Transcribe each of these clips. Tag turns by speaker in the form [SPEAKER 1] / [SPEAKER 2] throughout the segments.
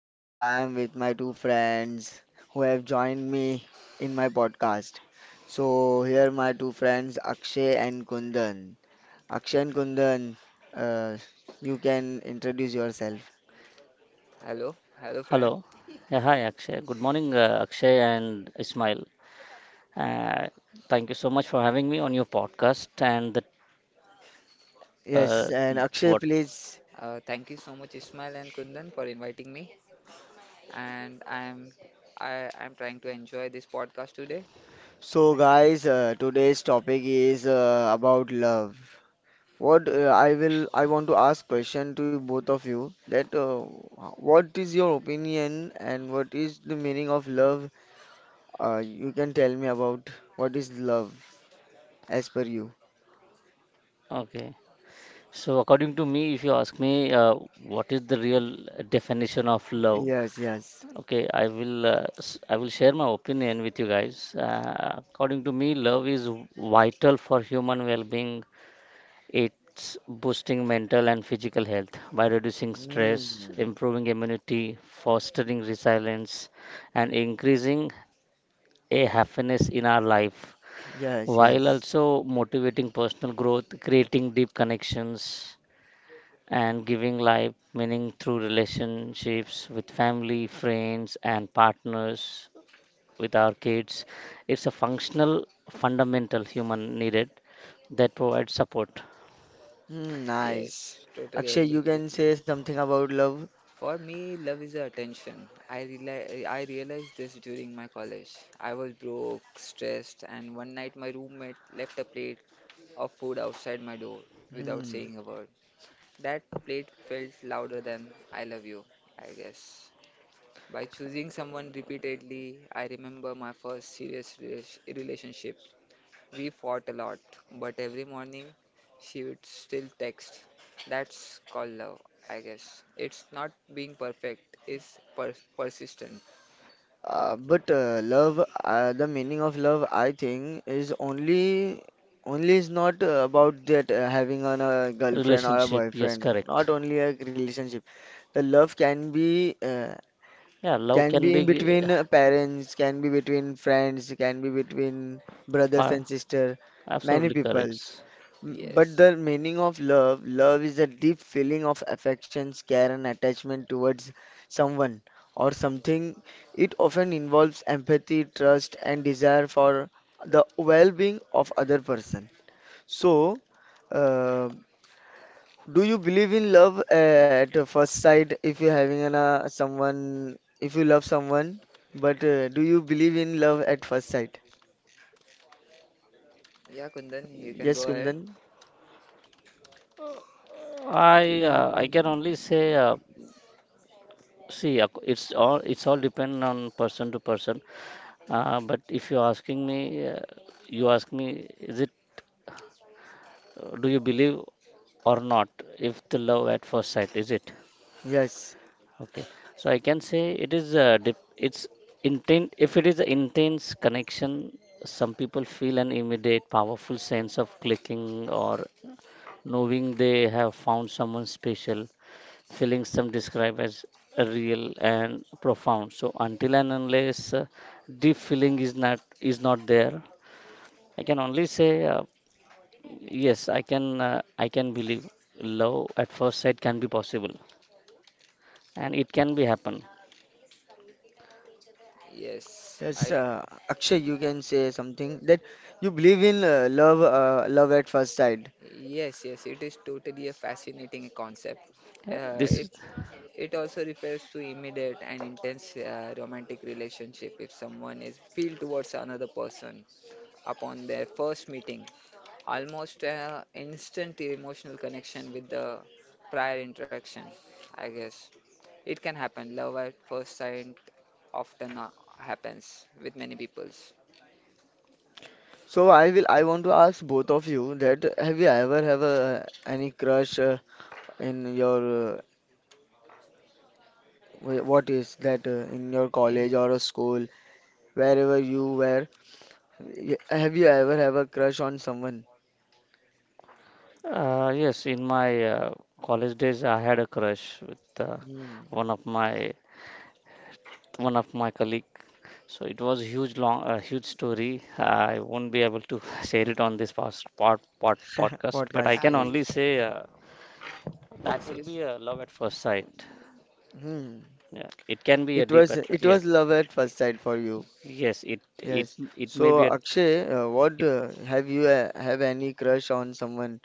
[SPEAKER 1] Here I am with my two friends who have joined me in my podcast. So here are my two friends Akshay and Kundan. Akshay and Kundan, uh, you can introduce yourself.
[SPEAKER 2] Hello, hello friend.
[SPEAKER 3] Hello. Yeah, hi, Akshay. Good morning, Akshay and Ismail. Uh, thank you so much for having me on your podcast. And the
[SPEAKER 1] Yes,
[SPEAKER 3] uh,
[SPEAKER 1] and Akshay,
[SPEAKER 3] what?
[SPEAKER 1] please.
[SPEAKER 2] Thank you so much, Ismail and Kundan, for inviting me. And I am trying to enjoy this podcast today.
[SPEAKER 1] So
[SPEAKER 2] Thank
[SPEAKER 1] guys, today's topic is about love. What I will I want to ask question to both of you that what is your opinion and what is the meaning of love? You can tell me about what is love as per you.
[SPEAKER 3] Okay. So, according to me, if you ask me, what is the real definition of love?
[SPEAKER 1] Yes, yes.
[SPEAKER 3] Okay, I will I will share my opinion with you guys. According to me, love is vital for human well-being. It's boosting mental and physical health by reducing stress,
[SPEAKER 1] Mm,
[SPEAKER 3] improving immunity, fostering resilience, and increasing a happiness in our life,
[SPEAKER 1] yes,
[SPEAKER 3] while
[SPEAKER 1] yes.
[SPEAKER 3] also motivating personal growth, creating deep connections, and giving life meaning through relationships with family, friends, and partners, with our kids. It's a functional, fundamental human needed that provides support.
[SPEAKER 1] Mm, nice.
[SPEAKER 2] Yes, totally
[SPEAKER 1] Akshay,
[SPEAKER 2] agree
[SPEAKER 1] you
[SPEAKER 2] with
[SPEAKER 1] can
[SPEAKER 2] you.
[SPEAKER 1] say something about love.
[SPEAKER 2] For me, love is attention. I reali I realized this during my college. I was broke, stressed, and one night my roommate left a plate of food outside my door without
[SPEAKER 1] Hmm.
[SPEAKER 2] saying a word. That plate felt louder than "I love you," I guess. By choosing someone repeatedly, I remember my first serious relationship. We fought a lot, but every morning she would still text. That's called love, I guess. It's not being perfect, it's persistent.
[SPEAKER 1] But love, the meaning of love, I think, is only is not about that having a girlfriend or a
[SPEAKER 3] Relationship, yes,
[SPEAKER 1] boyfriend.
[SPEAKER 3] correct.
[SPEAKER 1] Not only a relationship. The love can be uh,
[SPEAKER 3] Yeah, love
[SPEAKER 1] can
[SPEAKER 3] can
[SPEAKER 1] be in
[SPEAKER 3] be uh,
[SPEAKER 1] between parents, can be between friends, can be between brothers and
[SPEAKER 3] fa-
[SPEAKER 1] sister, many
[SPEAKER 3] absolutely
[SPEAKER 1] peoples.
[SPEAKER 3] correct.
[SPEAKER 1] But
[SPEAKER 2] Yes.
[SPEAKER 1] the meaning of love is a deep feeling of affection, care, and attachment towards someone or something. It often involves empathy, trust, and desire for the well-being of other person. So, uh, do you believe in love at the first sight if you're having someone, if you love someone? But do you believe in love at first sight?
[SPEAKER 2] Yeah, Kundan, you can
[SPEAKER 1] Yes,
[SPEAKER 2] go ahead.
[SPEAKER 1] Kundan.
[SPEAKER 3] I can only
[SPEAKER 1] Mm,
[SPEAKER 3] say, see, it's all depend on person to person. But if you're asking me, uh, you ask me, is it, do you believe or not, if the love at first sight, is it
[SPEAKER 1] yes.
[SPEAKER 3] okay? So I can say it is it's intent. If it is an intense connection, some people feel an immediate powerful sense of clicking, or knowing they have found someone special, feelings some describe as real and profound. So until and unless, deep feeling is not there, I can only say, yes. I can, I can believe love at first sight can be possible, and it can be happen.
[SPEAKER 2] Yes,
[SPEAKER 1] Yes,
[SPEAKER 2] I.
[SPEAKER 1] Akshay, you can say something that you believe in love at first sight.
[SPEAKER 2] Yes, yes, it is totally a fascinating concept.
[SPEAKER 3] Yeah,
[SPEAKER 2] Uh,
[SPEAKER 3] this is-
[SPEAKER 2] It also refers to immediate and intense romantic relationship if someone is feel towards another person upon their first meeting, almost instant emotional connection with the prior interaction. I guess it can happen. Love at first sight often happens with many peoples.
[SPEAKER 1] So I want to ask both of you that have you ever have any crush in your wh- what is that in your college
[SPEAKER 2] In
[SPEAKER 1] or a school wherever you were? Have you ever have a crush on someone?
[SPEAKER 3] yes. In my college days, I had a crush with, uh,
[SPEAKER 1] Hmm.
[SPEAKER 3] one of my one of my colleague. So it was huge long, a huge story. I won't be able to share it on this podcast, but I
[SPEAKER 1] Podcast.
[SPEAKER 2] uh,
[SPEAKER 3] can
[SPEAKER 1] Yes.
[SPEAKER 2] you,
[SPEAKER 3] only say, that
[SPEAKER 2] yes,
[SPEAKER 3] will
[SPEAKER 2] yes.
[SPEAKER 3] be a love at first sight.
[SPEAKER 1] Hmm.
[SPEAKER 3] Yeah, it can be a
[SPEAKER 1] It was it was
[SPEAKER 3] yes,
[SPEAKER 1] love at first sight for you.
[SPEAKER 3] yes. It it
[SPEAKER 1] Yes.
[SPEAKER 3] it may be
[SPEAKER 1] So
[SPEAKER 3] a
[SPEAKER 1] Akshay, what
[SPEAKER 3] it.
[SPEAKER 1] have you have any crush on someone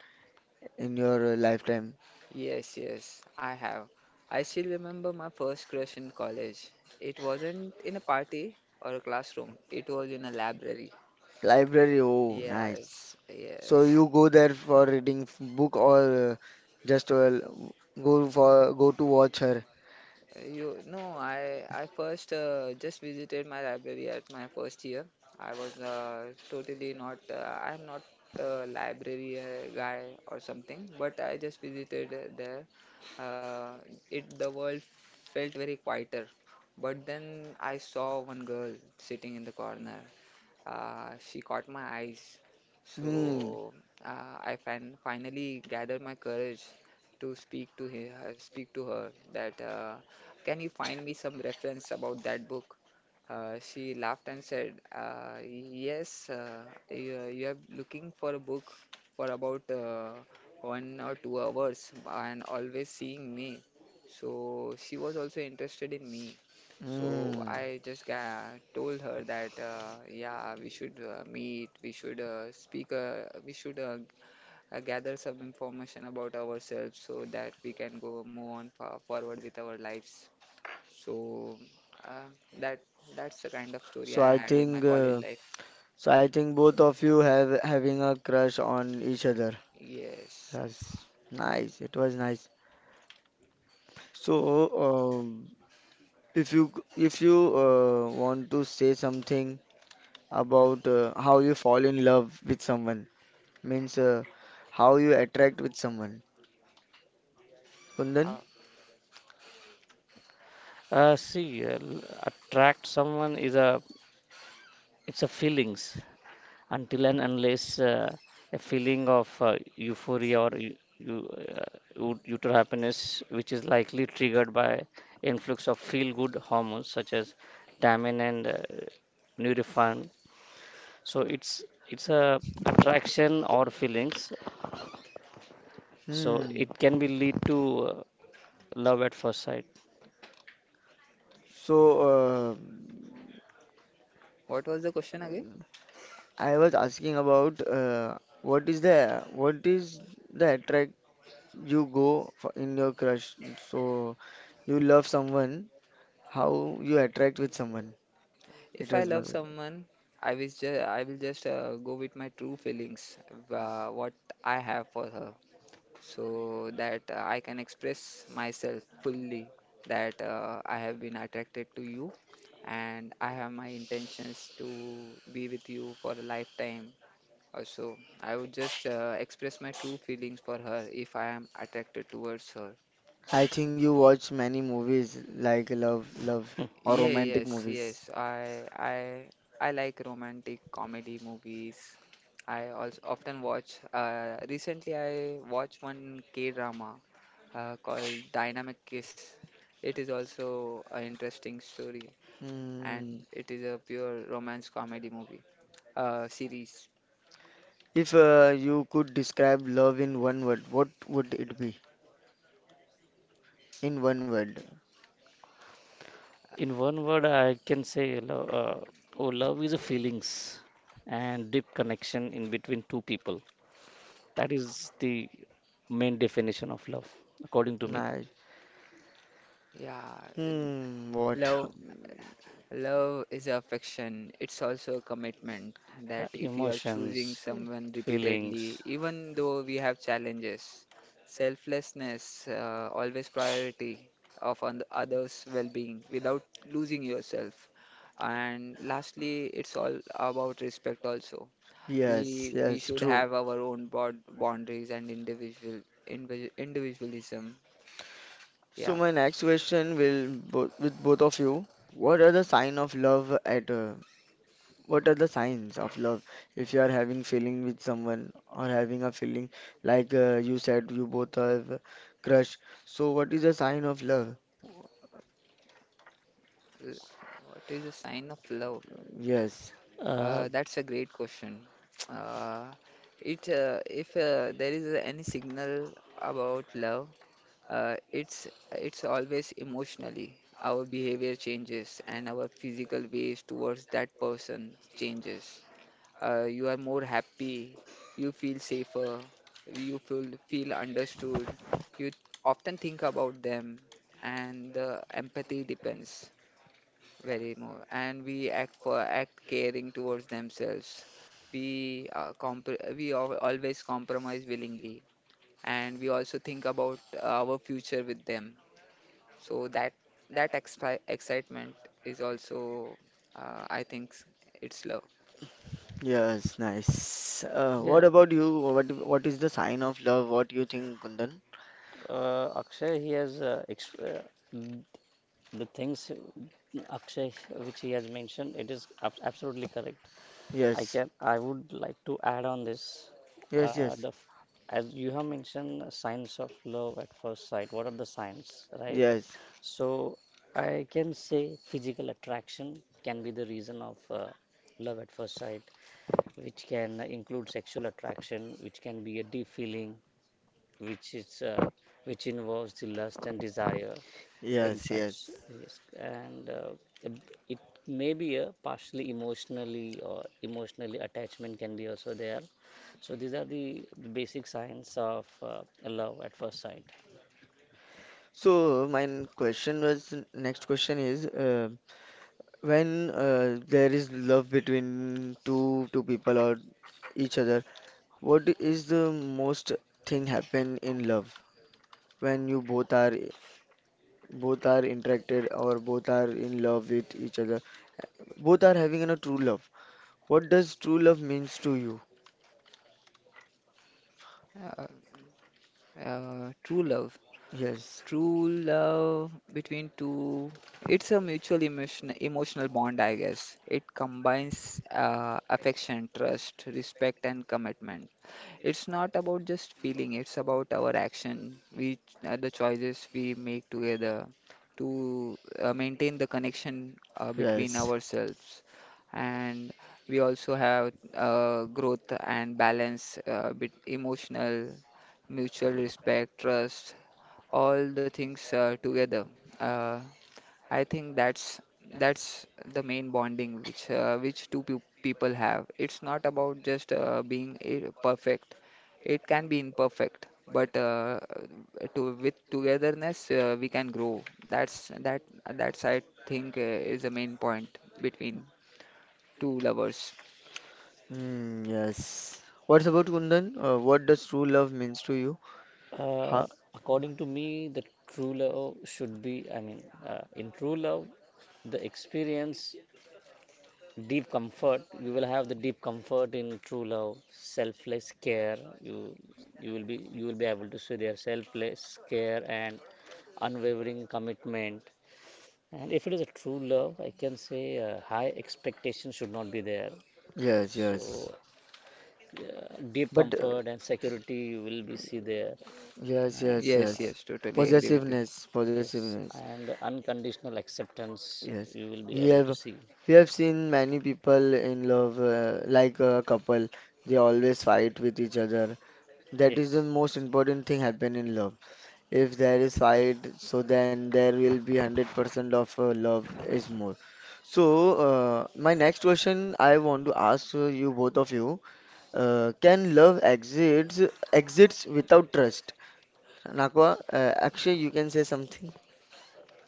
[SPEAKER 1] in your lifetime?
[SPEAKER 2] Yes, yes, I have. I still remember my first crush in college. It wasn't in a party or a classroom, it was in a library.
[SPEAKER 1] Library. Oh, nice.
[SPEAKER 2] Yes,
[SPEAKER 1] So
[SPEAKER 2] yes.
[SPEAKER 1] you go there for reading book or just go to watch her.
[SPEAKER 2] You No, I first just visited my library at my first year. I was totally not. I'm not a library guy or something, but I just visited there. Uh, it The world felt very quieter, but then I saw one girl sitting in the corner. She caught my eyes.
[SPEAKER 1] Hmm.
[SPEAKER 2] So I finally gathered my courage to speak to her that can you find me some reference about that book? She laughed and said, yes, you are looking for a book for about 1 or 2 hours and always seeing me. So she was also interested in me. So
[SPEAKER 1] Hmm.
[SPEAKER 2] I just ga told her that yeah, we should meet, we should speak, we should gather some information about ourselves so that we can go move on fa forward with our lives. So uh, that that's the kind of story
[SPEAKER 1] So
[SPEAKER 2] I
[SPEAKER 1] I
[SPEAKER 2] had in my
[SPEAKER 1] think.
[SPEAKER 2] college life.
[SPEAKER 1] So I think both of you have having a crush on each other.
[SPEAKER 2] Yes.
[SPEAKER 1] Yes, nice. It was nice. So, if you want to say something about how you fall in love with someone, means how you attract with someone, Kundan.
[SPEAKER 2] How,
[SPEAKER 3] See, attract someone is a, it's a feelings. Until and unless, a feeling of euphoria or uter happiness, which is likely triggered by influx of feel-good hormones such as dopamine and, norepinephrine. So it's a attraction or feelings. So
[SPEAKER 1] Hmm.
[SPEAKER 3] it can be lead to, uh, love at first sight.
[SPEAKER 1] So,
[SPEAKER 2] what was the question again?
[SPEAKER 1] I was asking about what is the attract you go for in your crush. So. You love someone, how you attract with someone. It
[SPEAKER 2] If I
[SPEAKER 1] was my
[SPEAKER 2] love
[SPEAKER 1] question.
[SPEAKER 2] someone, I will just go with my true feelings, what I have for her. So that I can express myself fully that I have been attracted to you and I have my intentions to be with you for a lifetime or so. I would just express my true feelings for her if I am attracted towards her.
[SPEAKER 1] I think you watch many movies like love or
[SPEAKER 2] Yeah,
[SPEAKER 1] romantic
[SPEAKER 2] yes,
[SPEAKER 1] movies.
[SPEAKER 2] yes. I like romantic comedy movies. I also often watch recently I watched one K-drama called Dynamic Kiss. It is also an interesting story
[SPEAKER 1] Hmm.
[SPEAKER 2] and it is a pure romance comedy movie series.
[SPEAKER 1] If you could describe love in one word, what would it be? In one word.
[SPEAKER 3] In one word, I can say love. Oh, love is a feelings and deep connection in between two people. That is the main definition of love, according to me.
[SPEAKER 1] Nice.
[SPEAKER 2] Yeah,
[SPEAKER 1] Hmm, what?
[SPEAKER 2] love love is affection. It's also a commitment
[SPEAKER 3] Yeah,
[SPEAKER 2] that if you are choosing
[SPEAKER 3] emotions,
[SPEAKER 2] someone repeatedly,
[SPEAKER 3] feelings.
[SPEAKER 2] even though we have challenges, selflessness, always priority of on others' well-being without losing yourself. And lastly, it's all about respect also.
[SPEAKER 1] Yes,
[SPEAKER 2] We
[SPEAKER 1] yes,
[SPEAKER 2] should
[SPEAKER 1] true.
[SPEAKER 2] have our own boundaries and individualism.
[SPEAKER 1] So
[SPEAKER 2] Yeah.
[SPEAKER 1] my next question will bo with both of you. What are the sign of love at uh, What are the signs of love? If you are having feeling with someone or having a feeling like you said you both have crush. So what is a sign of love?
[SPEAKER 2] L- What is a sign of love?
[SPEAKER 1] Yes,
[SPEAKER 3] Uh,
[SPEAKER 2] That's a great question. Uh, it if There is any signal about love, uh, it's it's always emotionally. Our behavior changes and our physical ways towards that person changes. You are more happy, you feel safer, you feel understood. You often think about them, and the empathy depends very more. And we act caring towards themselves. We always compromise willingly, and we also think about our future with them. So that expi excitement is also, I think, it's love.
[SPEAKER 1] yes, nice. What
[SPEAKER 3] yeah,
[SPEAKER 1] about you? What is the sign of love? What you think, Kundan?
[SPEAKER 3] Akshay, he has th- the things Akshay which he has mentioned, it is absolutely correct. I
[SPEAKER 1] Yes,
[SPEAKER 3] can, I would like to add on this,
[SPEAKER 1] yes,
[SPEAKER 3] uh,
[SPEAKER 1] yes,
[SPEAKER 3] the f- as you have mentioned, signs of love at first sight, what are the signs, right?
[SPEAKER 1] yes,
[SPEAKER 3] So I can say physical attraction can be the reason of, love at first sight, which can include sexual attraction, which can be a deep feeling, which is, which involves the lust and desire, in
[SPEAKER 1] yes,
[SPEAKER 3] fact. So,
[SPEAKER 1] yes.
[SPEAKER 3] yes, and it may be a partially emotionally or emotionally attachment can be also there. So these are the basic signs of, love at first sight.
[SPEAKER 1] So my n- question was next question is when there is love between two people or each other. What is the most thing happen in love when you both are interacted or both are in love with each other? Both are having a true love. What does true love means to you?
[SPEAKER 2] Uh, True love.
[SPEAKER 1] Yes,
[SPEAKER 2] True love between two, it's a mutual emotional bond, I guess. It combines affection, trust, respect, and commitment. It's not about just feeling, it's about our action, the choices we make together to maintain the connection between
[SPEAKER 1] yes,
[SPEAKER 2] ourselves. And we also have growth and balance, bit emotional, mutual respect, trust all the things together. Uh, I think that's the main bonding which two people have. It's not about just being perfect. It can be imperfect, but to with togetherness we can grow. That's I think is the main point between two lovers.
[SPEAKER 1] mm, yes. What's about Kundan? What does true love means to you?
[SPEAKER 3] uh,
[SPEAKER 1] Ha,
[SPEAKER 3] According to me, the true love should be, I mean, in true love, the experience deep comfort, you will have the deep comfort in true love, selfless care, you, you will be able to see their selfless care, and unwavering commitment. And if it is a true love, I can say, high expectation should not be there.
[SPEAKER 1] yes,
[SPEAKER 3] So
[SPEAKER 1] yes.
[SPEAKER 3] yeah, deep
[SPEAKER 1] But
[SPEAKER 3] comfort and security, you will be see there.
[SPEAKER 1] yes,
[SPEAKER 3] And
[SPEAKER 1] yes, yes.
[SPEAKER 2] Yes, yes, totally agree
[SPEAKER 3] yeah,
[SPEAKER 2] with you.
[SPEAKER 1] Possessiveness,
[SPEAKER 3] yes,
[SPEAKER 1] possessiveness.
[SPEAKER 3] and unconditional acceptance
[SPEAKER 1] Yes,
[SPEAKER 3] you will be
[SPEAKER 1] we
[SPEAKER 3] able to
[SPEAKER 1] have
[SPEAKER 3] see.
[SPEAKER 1] we have seen many people in love, like a couple. They always fight with each other. That is the
[SPEAKER 3] Yes.
[SPEAKER 1] most important thing happen in love. If there is fight, so then there will be 100% of love is more. So, my next question I want to ask you both of you, can love exits without trust? Nakwa, Akshay, you can say something.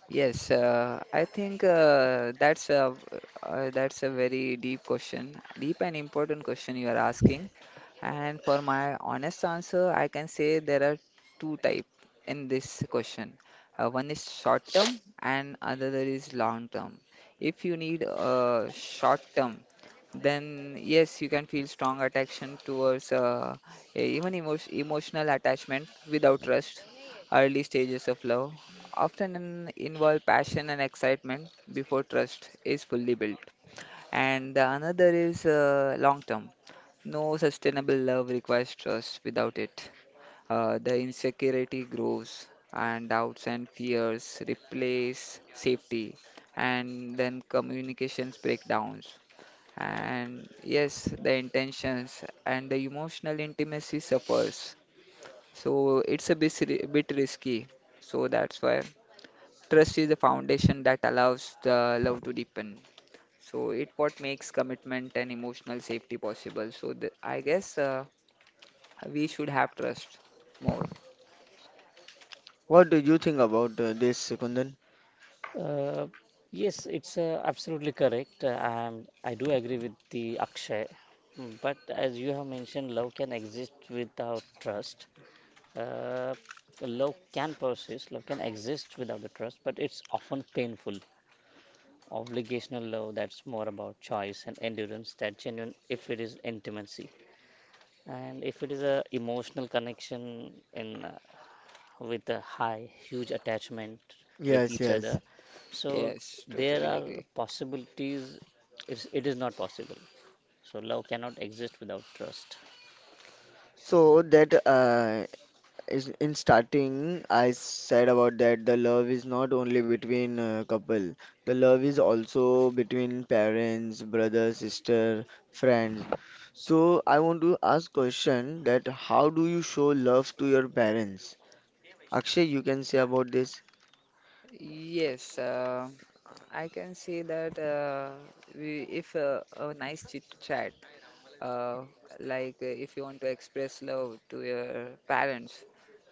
[SPEAKER 2] Yes, I think that's a very deep question, deep and important question you are asking. And for my honest answer, I can say there are two type in this question. One is short term and another is long term. If you need a short term, then yes, you can feel strong attraction towards even emotional attachment without trust. Early stages of love often involve passion and excitement before trust is fully built. And the another is long term. No sustainable love requires trust without it. The insecurity grows, and doubts and fears replace safety, and then communications breakdowns. And yes, the intentions and the emotional intimacy suffers. So it's a bit risky. So that's why trust is the foundation that allows the love to deepen. So it what makes commitment and emotional safety possible. So I guess we should have trust more.
[SPEAKER 1] What do you think about this, Kundan?
[SPEAKER 3] Uh, yes, it's, absolutely correct. I do agree with the Akshay. Mm, but as you have mentioned, love can exist without trust. Uh, love can persist, love can exist without the trust, but it's often painful. Obligational love, that's more about choice and endurance, that genuine if it is intimacy. And if it is a emotional connection in, with a high, huge attachment with
[SPEAKER 1] Yes,
[SPEAKER 3] each
[SPEAKER 1] yes.
[SPEAKER 3] other. So
[SPEAKER 2] Yes,
[SPEAKER 3] there
[SPEAKER 2] totally agree.
[SPEAKER 3] are possibilities. It's, it is not possible. So love cannot exist without trust.
[SPEAKER 1] So that is in starting, I said about that the love is not only between couple. The love is also between parents, brother, sister, friends. So I want to ask question that how do you show love to your parents? Akshay, you can say about this.
[SPEAKER 2] Yes, I can say that if a nice chit chat, uh, like if you want to express love to your parents,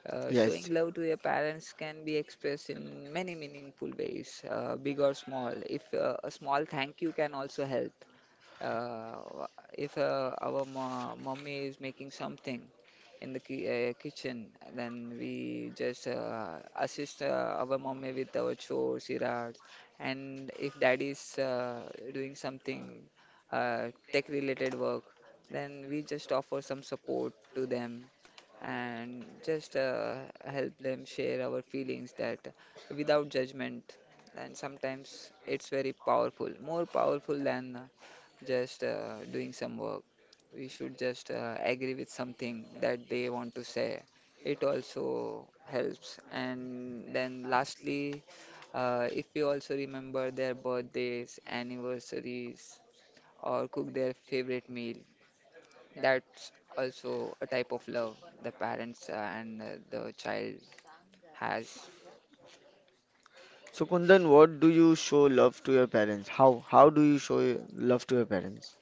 [SPEAKER 1] Yes.
[SPEAKER 2] showing love to your parents can be expressed in many meaningful ways, big or small. If a small thank you can also help. Uh, if our mo mommy is making something in the ki kitchen, then we just assist our mommy with our chores, errands. And if daddy is doing something tech-related work, then we just offer some support to them and just help them share our feelings that without judgment. And sometimes it's very powerful, more powerful than just doing some work. We should just agree with something that they want to say. It also helps. And then lastly, if we also remember their birthdays, anniversaries, or cook their favorite meal, that's also a type of love the parents and the child has.
[SPEAKER 1] So Kundan, what do you show love to your parents? How do you show your love to your parents?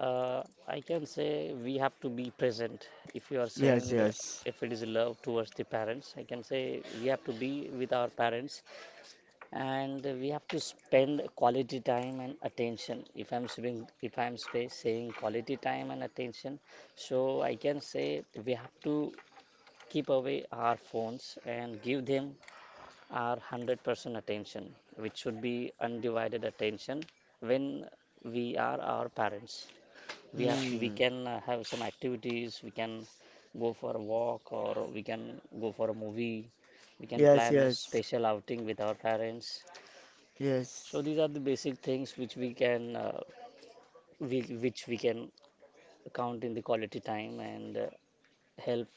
[SPEAKER 3] I can say we have to be present. If you are
[SPEAKER 1] Yes,
[SPEAKER 3] saying,
[SPEAKER 1] yes.
[SPEAKER 3] if it is love towards the parents, I can say we have to be with our parents, and we have to spend quality time and attention. If I'm saying, if I'm spa- saying quality time and attention, so I can say we have to keep away our phones and give them our 100% attention, which should be undivided attention when we are our parents. We
[SPEAKER 1] Hmm.
[SPEAKER 3] can, have some activities, we can go for a walk or we can go for a movie, we can
[SPEAKER 1] Yes,
[SPEAKER 3] plan a
[SPEAKER 1] yes.
[SPEAKER 3] special outing with our parents.
[SPEAKER 1] Yes.
[SPEAKER 3] So these are the basic things which we can, which we can count in the quality time, and help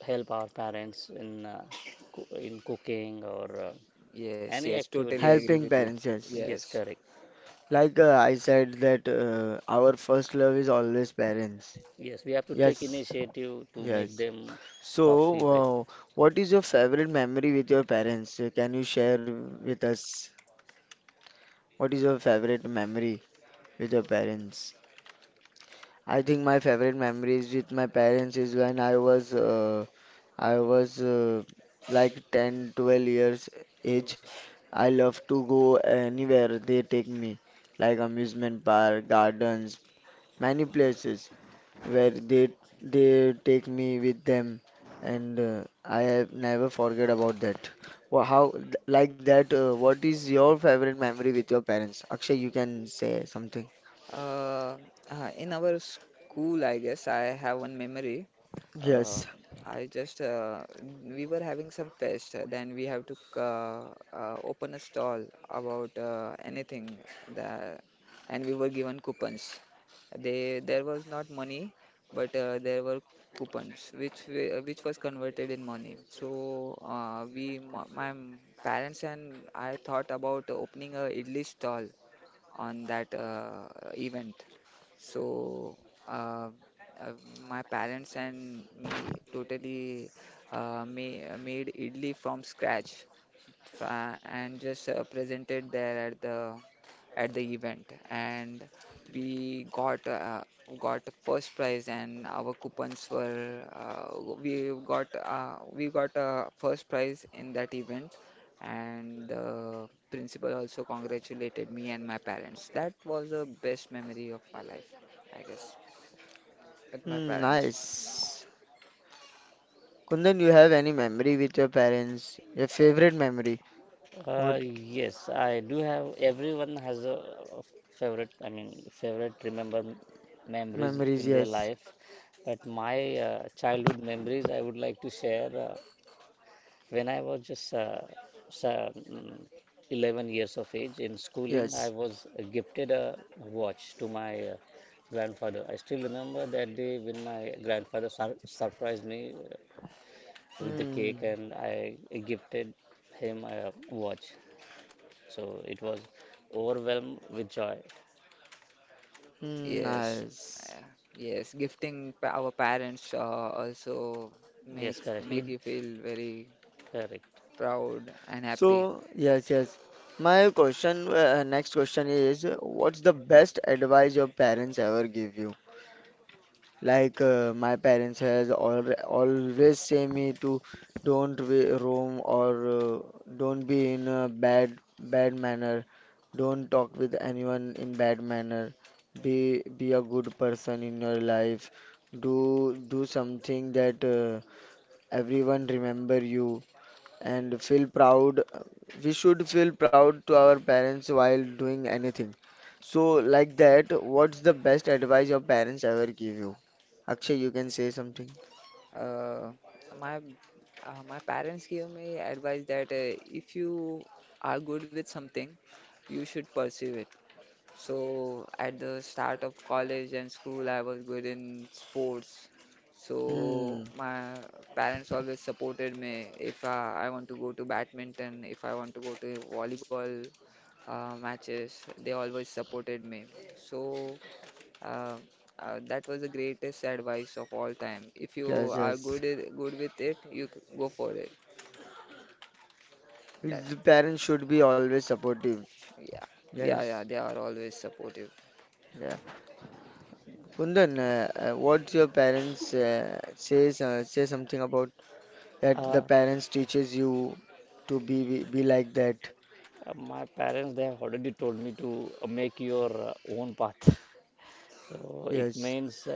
[SPEAKER 3] help our parents in, in cooking or,
[SPEAKER 2] Yes,
[SPEAKER 3] any
[SPEAKER 2] yes, totally
[SPEAKER 3] activities.
[SPEAKER 2] agree
[SPEAKER 1] Helping
[SPEAKER 2] with you.
[SPEAKER 1] parents, yes.
[SPEAKER 3] Yes,
[SPEAKER 2] Yes.
[SPEAKER 3] correct.
[SPEAKER 1] Like I said, that our first love is always parents.
[SPEAKER 3] Yes, we have to take
[SPEAKER 1] Yes,
[SPEAKER 3] initiative to make
[SPEAKER 1] yes.
[SPEAKER 3] them coffee
[SPEAKER 1] So,
[SPEAKER 3] break.
[SPEAKER 1] what is your favorite memory with your parents? Can you share with us? What is your favorite memory with your parents? I think my favorite memories with my parents is when I was like 10, 12 years age. I love to go anywhere they take me, like amusement park, gardens many places where they take me with them and I have never forget about that. Wha how th- like that What is your favorite memory with your parents? Akshay, you can say something.
[SPEAKER 2] Uh, in our school, I guess I have one memory. Uh,
[SPEAKER 1] Yes.
[SPEAKER 2] we were having some fest, then we have to open a stall about anything that, and we were given coupons. They There was not money, but there were coupons which was converted in money. So we parents and I thought about opening a idli stall on that event. So uh, uh, my parents and me totally made idli from scratch and just presented there at the event, and we got first prize, and our coupons were we got first prize in that event, and the principal also congratulated me and my parents. That was the best memory of my life, I guess, with my
[SPEAKER 1] Hmm,
[SPEAKER 2] parents.
[SPEAKER 1] nice. Kundan, you have any memory with your parents? Your favorite memory? What
[SPEAKER 3] Yes, I do have. Everyone has a favorite. I mean, favorite memories
[SPEAKER 1] memories?
[SPEAKER 3] in their
[SPEAKER 1] Yes.
[SPEAKER 3] life. But my, childhood memories, I would like to share. When I was just sa- mm, 11 years of age in schooling, I
[SPEAKER 1] Yes.
[SPEAKER 3] was gifted a watch to my, grandfather. I still remember that day when my grandfather surprised me, with the
[SPEAKER 1] Hmm.
[SPEAKER 3] cake, and I gifted him a watch. So it was overwhelmed with joy.
[SPEAKER 1] Hmm,
[SPEAKER 2] Yes,
[SPEAKER 1] nice.
[SPEAKER 2] uh, yes, gifting our parents also
[SPEAKER 3] Yes,
[SPEAKER 2] makes
[SPEAKER 3] correct. He
[SPEAKER 2] make you feel very
[SPEAKER 3] correct.
[SPEAKER 2] proud and happy.
[SPEAKER 1] So, yes, yes. My next question is, what's the best advice your parents ever give you? Like, my parents has al always say me to don't roam or don't be in a bad manner. Don't talk with anyone in bad manner. Be be a good person in your life. Do do something that everyone remember you and feel proud. We should feel proud to our parents while doing anything. So, like that, what's the best advice your parents ever give you? Akshay, you can say something.
[SPEAKER 2] Uh, my my parents gave me advice that if you are good with something, you should pursue it. So at the start of college and school, I was good in sports. So
[SPEAKER 1] Hmm.
[SPEAKER 2] my parents always supported me if I want to go to badminton, if I want to go to volleyball matches, they always supported me. So uh, that was the greatest advice of all time. If you
[SPEAKER 1] Yes,
[SPEAKER 2] are
[SPEAKER 1] yes.
[SPEAKER 2] good with it, you go for it.
[SPEAKER 1] The
[SPEAKER 2] That's
[SPEAKER 1] parents should be always supportive.
[SPEAKER 2] Yeah, yeah, yeah.
[SPEAKER 1] Yes.
[SPEAKER 2] They are always supportive.
[SPEAKER 1] Yeah. Kundan, what's your parents say something about that the
[SPEAKER 3] Uh,
[SPEAKER 1] parents teaches you to be like that.
[SPEAKER 3] my parents, they have already told me to, make your, own path. So it
[SPEAKER 1] Yes.
[SPEAKER 3] means,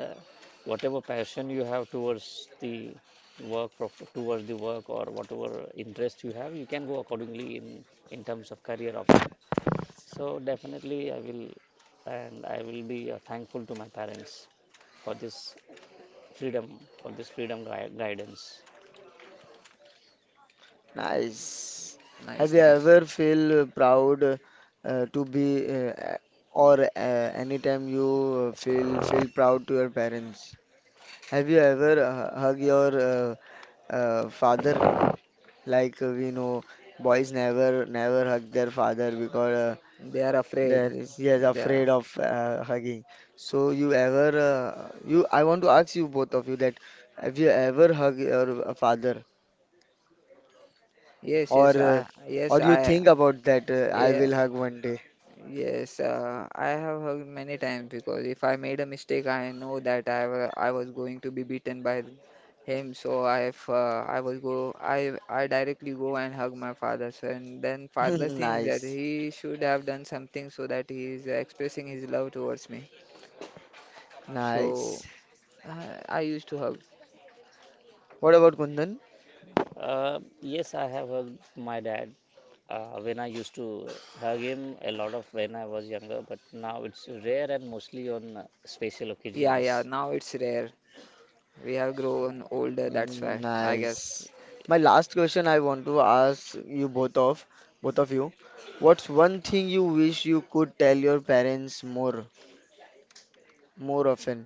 [SPEAKER 3] whatever passion you have towards the work, towards the work, or whatever interest you have, you can go accordingly in terms of career option. So definitely I will, and I will be, thankful to my parents for this for this freedom guidance.
[SPEAKER 1] Nice. Have you
[SPEAKER 2] Nice, nice.
[SPEAKER 1] ever feel proud to be or anytime you feel proud to your parents? Have you ever hug your father? Like we know, boys never hug their father because
[SPEAKER 2] They are afraid.
[SPEAKER 1] there is he is
[SPEAKER 2] They are.
[SPEAKER 1] afraid of hugging. So you ever you I want to ask you both of you that have you ever hug your father?
[SPEAKER 2] Yes,
[SPEAKER 1] or
[SPEAKER 2] yes.
[SPEAKER 1] uh,
[SPEAKER 2] I
[SPEAKER 1] or
[SPEAKER 2] Yes,
[SPEAKER 1] you
[SPEAKER 2] I
[SPEAKER 1] think about that I
[SPEAKER 2] yeah.
[SPEAKER 1] will hug one day.
[SPEAKER 2] Yes, I have heard many times because if I made a mistake, I know that I was going to be beaten by him. So I directly go and hug my father. So and then father thinks that
[SPEAKER 1] Nice,
[SPEAKER 2] he should have done something so that he is expressing his love towards me. So
[SPEAKER 1] nice.
[SPEAKER 2] I used to hug.
[SPEAKER 1] What about Kundan?
[SPEAKER 3] Yes, I have hugged my dad, when I used to hug him a lot of when I was younger, but now it's rare and mostly on, special
[SPEAKER 2] Yeah, yeah.
[SPEAKER 3] occasions.
[SPEAKER 2] Now it's rare. We have
[SPEAKER 3] So,
[SPEAKER 2] grown older. That's
[SPEAKER 1] Mm,
[SPEAKER 2] why I guess.
[SPEAKER 1] nice. My
[SPEAKER 3] yes.
[SPEAKER 1] last question I want to ask you both of you. What's one thing you wish you could tell your parents more often?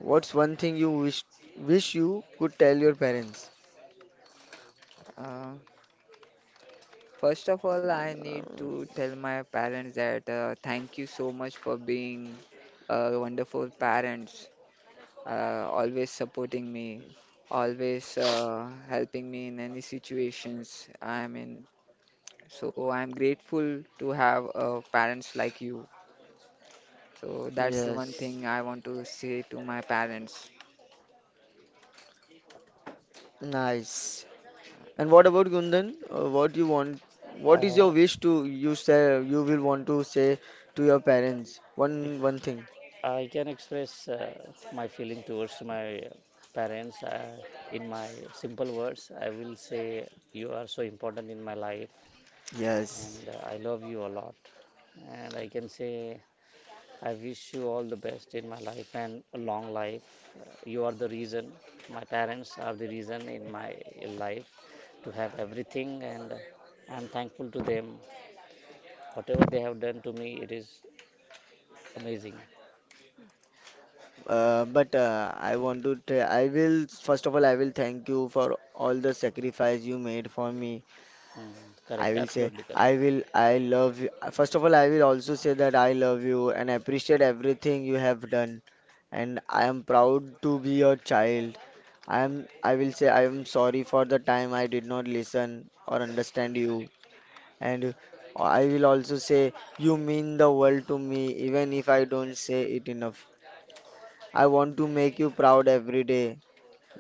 [SPEAKER 1] What's one thing you wish you could tell your parents?
[SPEAKER 2] Uh, First of all, I need
[SPEAKER 1] Um,
[SPEAKER 2] to tell my parents that thank you so much for being wonderful parents, always supporting me, always helping me in any situations I'm in. So I'm grateful to have parents like you. So that's the one
[SPEAKER 1] yes.
[SPEAKER 2] thing I want to say to my parents.
[SPEAKER 1] Nice. And what about Gundan? What you want? What is your
[SPEAKER 3] Uh,
[SPEAKER 1] wish to you say you will want to say to your parents? One thing.
[SPEAKER 3] I can express, my feeling towards my, parents, in my simple words. I will say, you are so important in my life,
[SPEAKER 1] Yes,
[SPEAKER 3] and I love you a lot. And I can say, I wish you all the best in my life and a long life. You are the reason, my parents are the reason in my life to have everything, and I'm thankful to them. Whatever they have done to me, it is amazing.
[SPEAKER 1] but I want to. I will first of all. I will thank you for all the sacrifice you made for me.
[SPEAKER 3] Mm,
[SPEAKER 1] I
[SPEAKER 3] correct,
[SPEAKER 1] will say,
[SPEAKER 3] absolutely correct.
[SPEAKER 1] I love you. First of all, I will also say that I love you and appreciate everything you have done. And I am proud to be your child. I will say, I am sorry for the time I did not listen or understand you. And I will also say, you mean the world to me, even if I don't say it enough. I want to make you proud every day.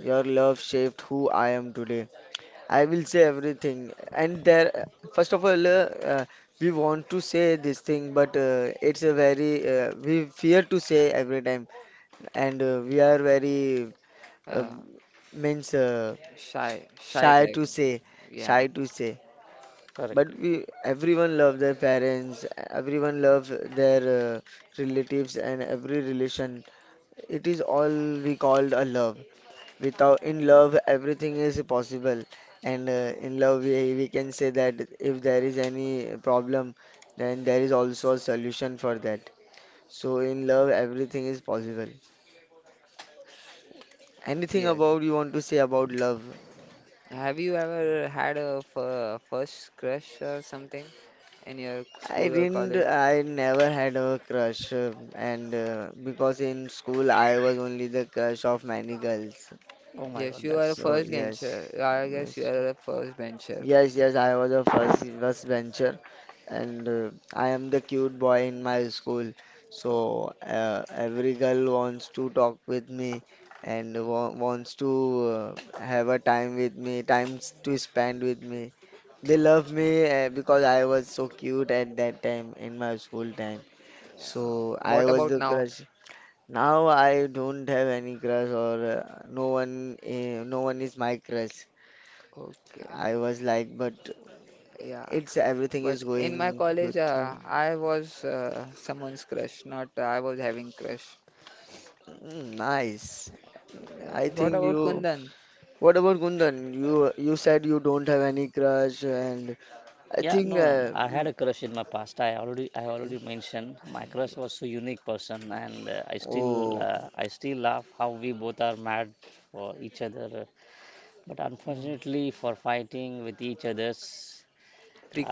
[SPEAKER 1] Your love shaped who I am today. I will say everything. And there, first of all, uh, we want to say this thing, but it's a very, we fear to say every time. And we are very, uh,
[SPEAKER 2] Uh,
[SPEAKER 1] means,
[SPEAKER 2] Shy, shy
[SPEAKER 1] shy
[SPEAKER 2] type.
[SPEAKER 1] to say,
[SPEAKER 2] Yeah,
[SPEAKER 1] shy to say. But
[SPEAKER 3] Correct.
[SPEAKER 1] everyone love their parents, everyone love their relatives and every relation. It is all we called a love. Without in love everything is possible. And in love we can say that if there is any problem, then there is also a solution for that. So in love everything is possible. Anything
[SPEAKER 2] yes.
[SPEAKER 1] about you want to say about love?
[SPEAKER 2] Have you ever had a first crush or something in your school
[SPEAKER 1] i
[SPEAKER 2] or
[SPEAKER 1] didn't
[SPEAKER 2] college?
[SPEAKER 1] i never had a crush, and because in school I was only the crush of many girls.
[SPEAKER 3] Oh my
[SPEAKER 2] Yes,
[SPEAKER 3] God,
[SPEAKER 2] you are a
[SPEAKER 3] that's
[SPEAKER 1] So
[SPEAKER 2] first
[SPEAKER 1] yes,
[SPEAKER 2] bencher. I
[SPEAKER 1] yes.
[SPEAKER 2] guess you are a first bencher.
[SPEAKER 1] Yes, yes, I was a first bencher, and I am the cute boy in my school.
[SPEAKER 2] So,
[SPEAKER 1] So every girl wants to talk with me and wants to have a time with me, times to spend with me. They love me because I was so cute at that time in my school time.
[SPEAKER 2] yeah.
[SPEAKER 1] So I
[SPEAKER 2] What
[SPEAKER 1] was
[SPEAKER 2] about
[SPEAKER 1] the
[SPEAKER 2] now?
[SPEAKER 1] crush. Now I don't have any crush or no one is my crush.
[SPEAKER 2] Okay,
[SPEAKER 1] I was like, but
[SPEAKER 2] yeah.
[SPEAKER 1] it's everything is
[SPEAKER 2] But in my
[SPEAKER 1] going
[SPEAKER 2] college,
[SPEAKER 1] good.
[SPEAKER 2] I was someone's crush, not I was having crush.
[SPEAKER 1] Mm, nice. I
[SPEAKER 2] Yes. What
[SPEAKER 1] think
[SPEAKER 2] about
[SPEAKER 1] you.
[SPEAKER 2] Kundan?
[SPEAKER 1] What about Kundan? You said you don't have any crush, and I
[SPEAKER 3] yeah.
[SPEAKER 1] think.
[SPEAKER 3] No, no, no. I had
[SPEAKER 1] Mm,
[SPEAKER 3] a crush in my past. I already mentioned my crush was so unique person, and
[SPEAKER 1] oh,
[SPEAKER 3] I still laugh how we both are mad for each other. But
[SPEAKER 1] mm,
[SPEAKER 3] unfortunately, for fighting with each others,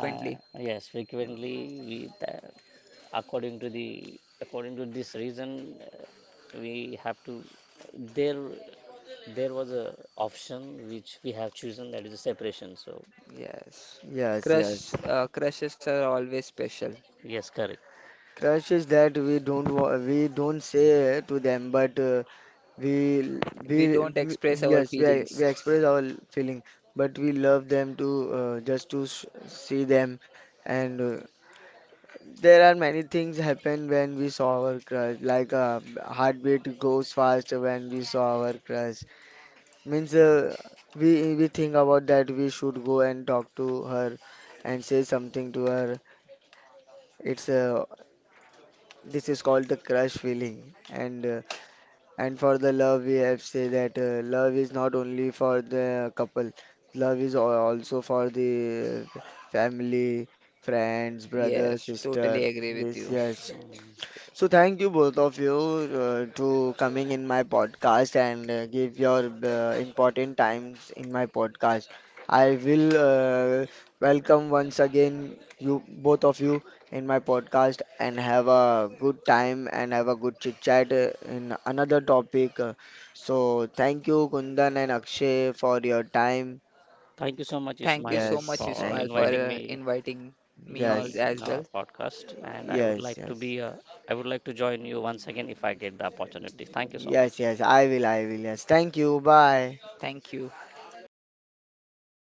[SPEAKER 3] uh, yes, frequently we, according to the, according to this reason, we have to, there there was a option which we have chosen, that is a separation. So
[SPEAKER 2] Yes.
[SPEAKER 1] yes,
[SPEAKER 2] Crush,
[SPEAKER 1] yes.
[SPEAKER 2] crushes are always special.
[SPEAKER 3] yes, correct.
[SPEAKER 1] Crush is that we don't wa- we don't say to them, but we, we
[SPEAKER 2] We don't
[SPEAKER 1] we
[SPEAKER 2] express our
[SPEAKER 1] yes, we
[SPEAKER 2] feelings.
[SPEAKER 1] express our feeling, but we love them to just to see them and there are many things happen when we saw our crush, like heartbeat goes fast when we saw our crush. Means we think about that we should go and talk to her and say something to her. It's This is called the crush feeling, and and for the love we have say that love is not only for the couple, love is also for the family, friends, brother,
[SPEAKER 2] Yes, totally
[SPEAKER 1] sister.
[SPEAKER 2] agree with
[SPEAKER 1] This
[SPEAKER 2] you.
[SPEAKER 1] yes. So thank you both of you to coming in my podcast and give your important times in my podcast. I will uh, welcome once again you both of you in my podcast and have a good time and have a good chit chat in another topic. So thank you Kundan and Akshay for your time.
[SPEAKER 3] Thank you so much,
[SPEAKER 2] Thank you
[SPEAKER 3] Ismail,
[SPEAKER 2] so much,
[SPEAKER 1] Yes,
[SPEAKER 3] for
[SPEAKER 2] Ismail,
[SPEAKER 1] thank
[SPEAKER 2] for
[SPEAKER 1] you.
[SPEAKER 3] inviting me,
[SPEAKER 2] inviting me
[SPEAKER 3] me
[SPEAKER 1] Yes,
[SPEAKER 2] as
[SPEAKER 3] in
[SPEAKER 2] well.
[SPEAKER 3] our podcast, and I would
[SPEAKER 1] yes,
[SPEAKER 3] like to be
[SPEAKER 1] yes,
[SPEAKER 3] a, I would like to join you once again if I get the opportunity. Thank you so
[SPEAKER 1] yes,
[SPEAKER 3] much.
[SPEAKER 1] yes. I will. I will. Yes. Thank you. Bye.
[SPEAKER 2] Thank you.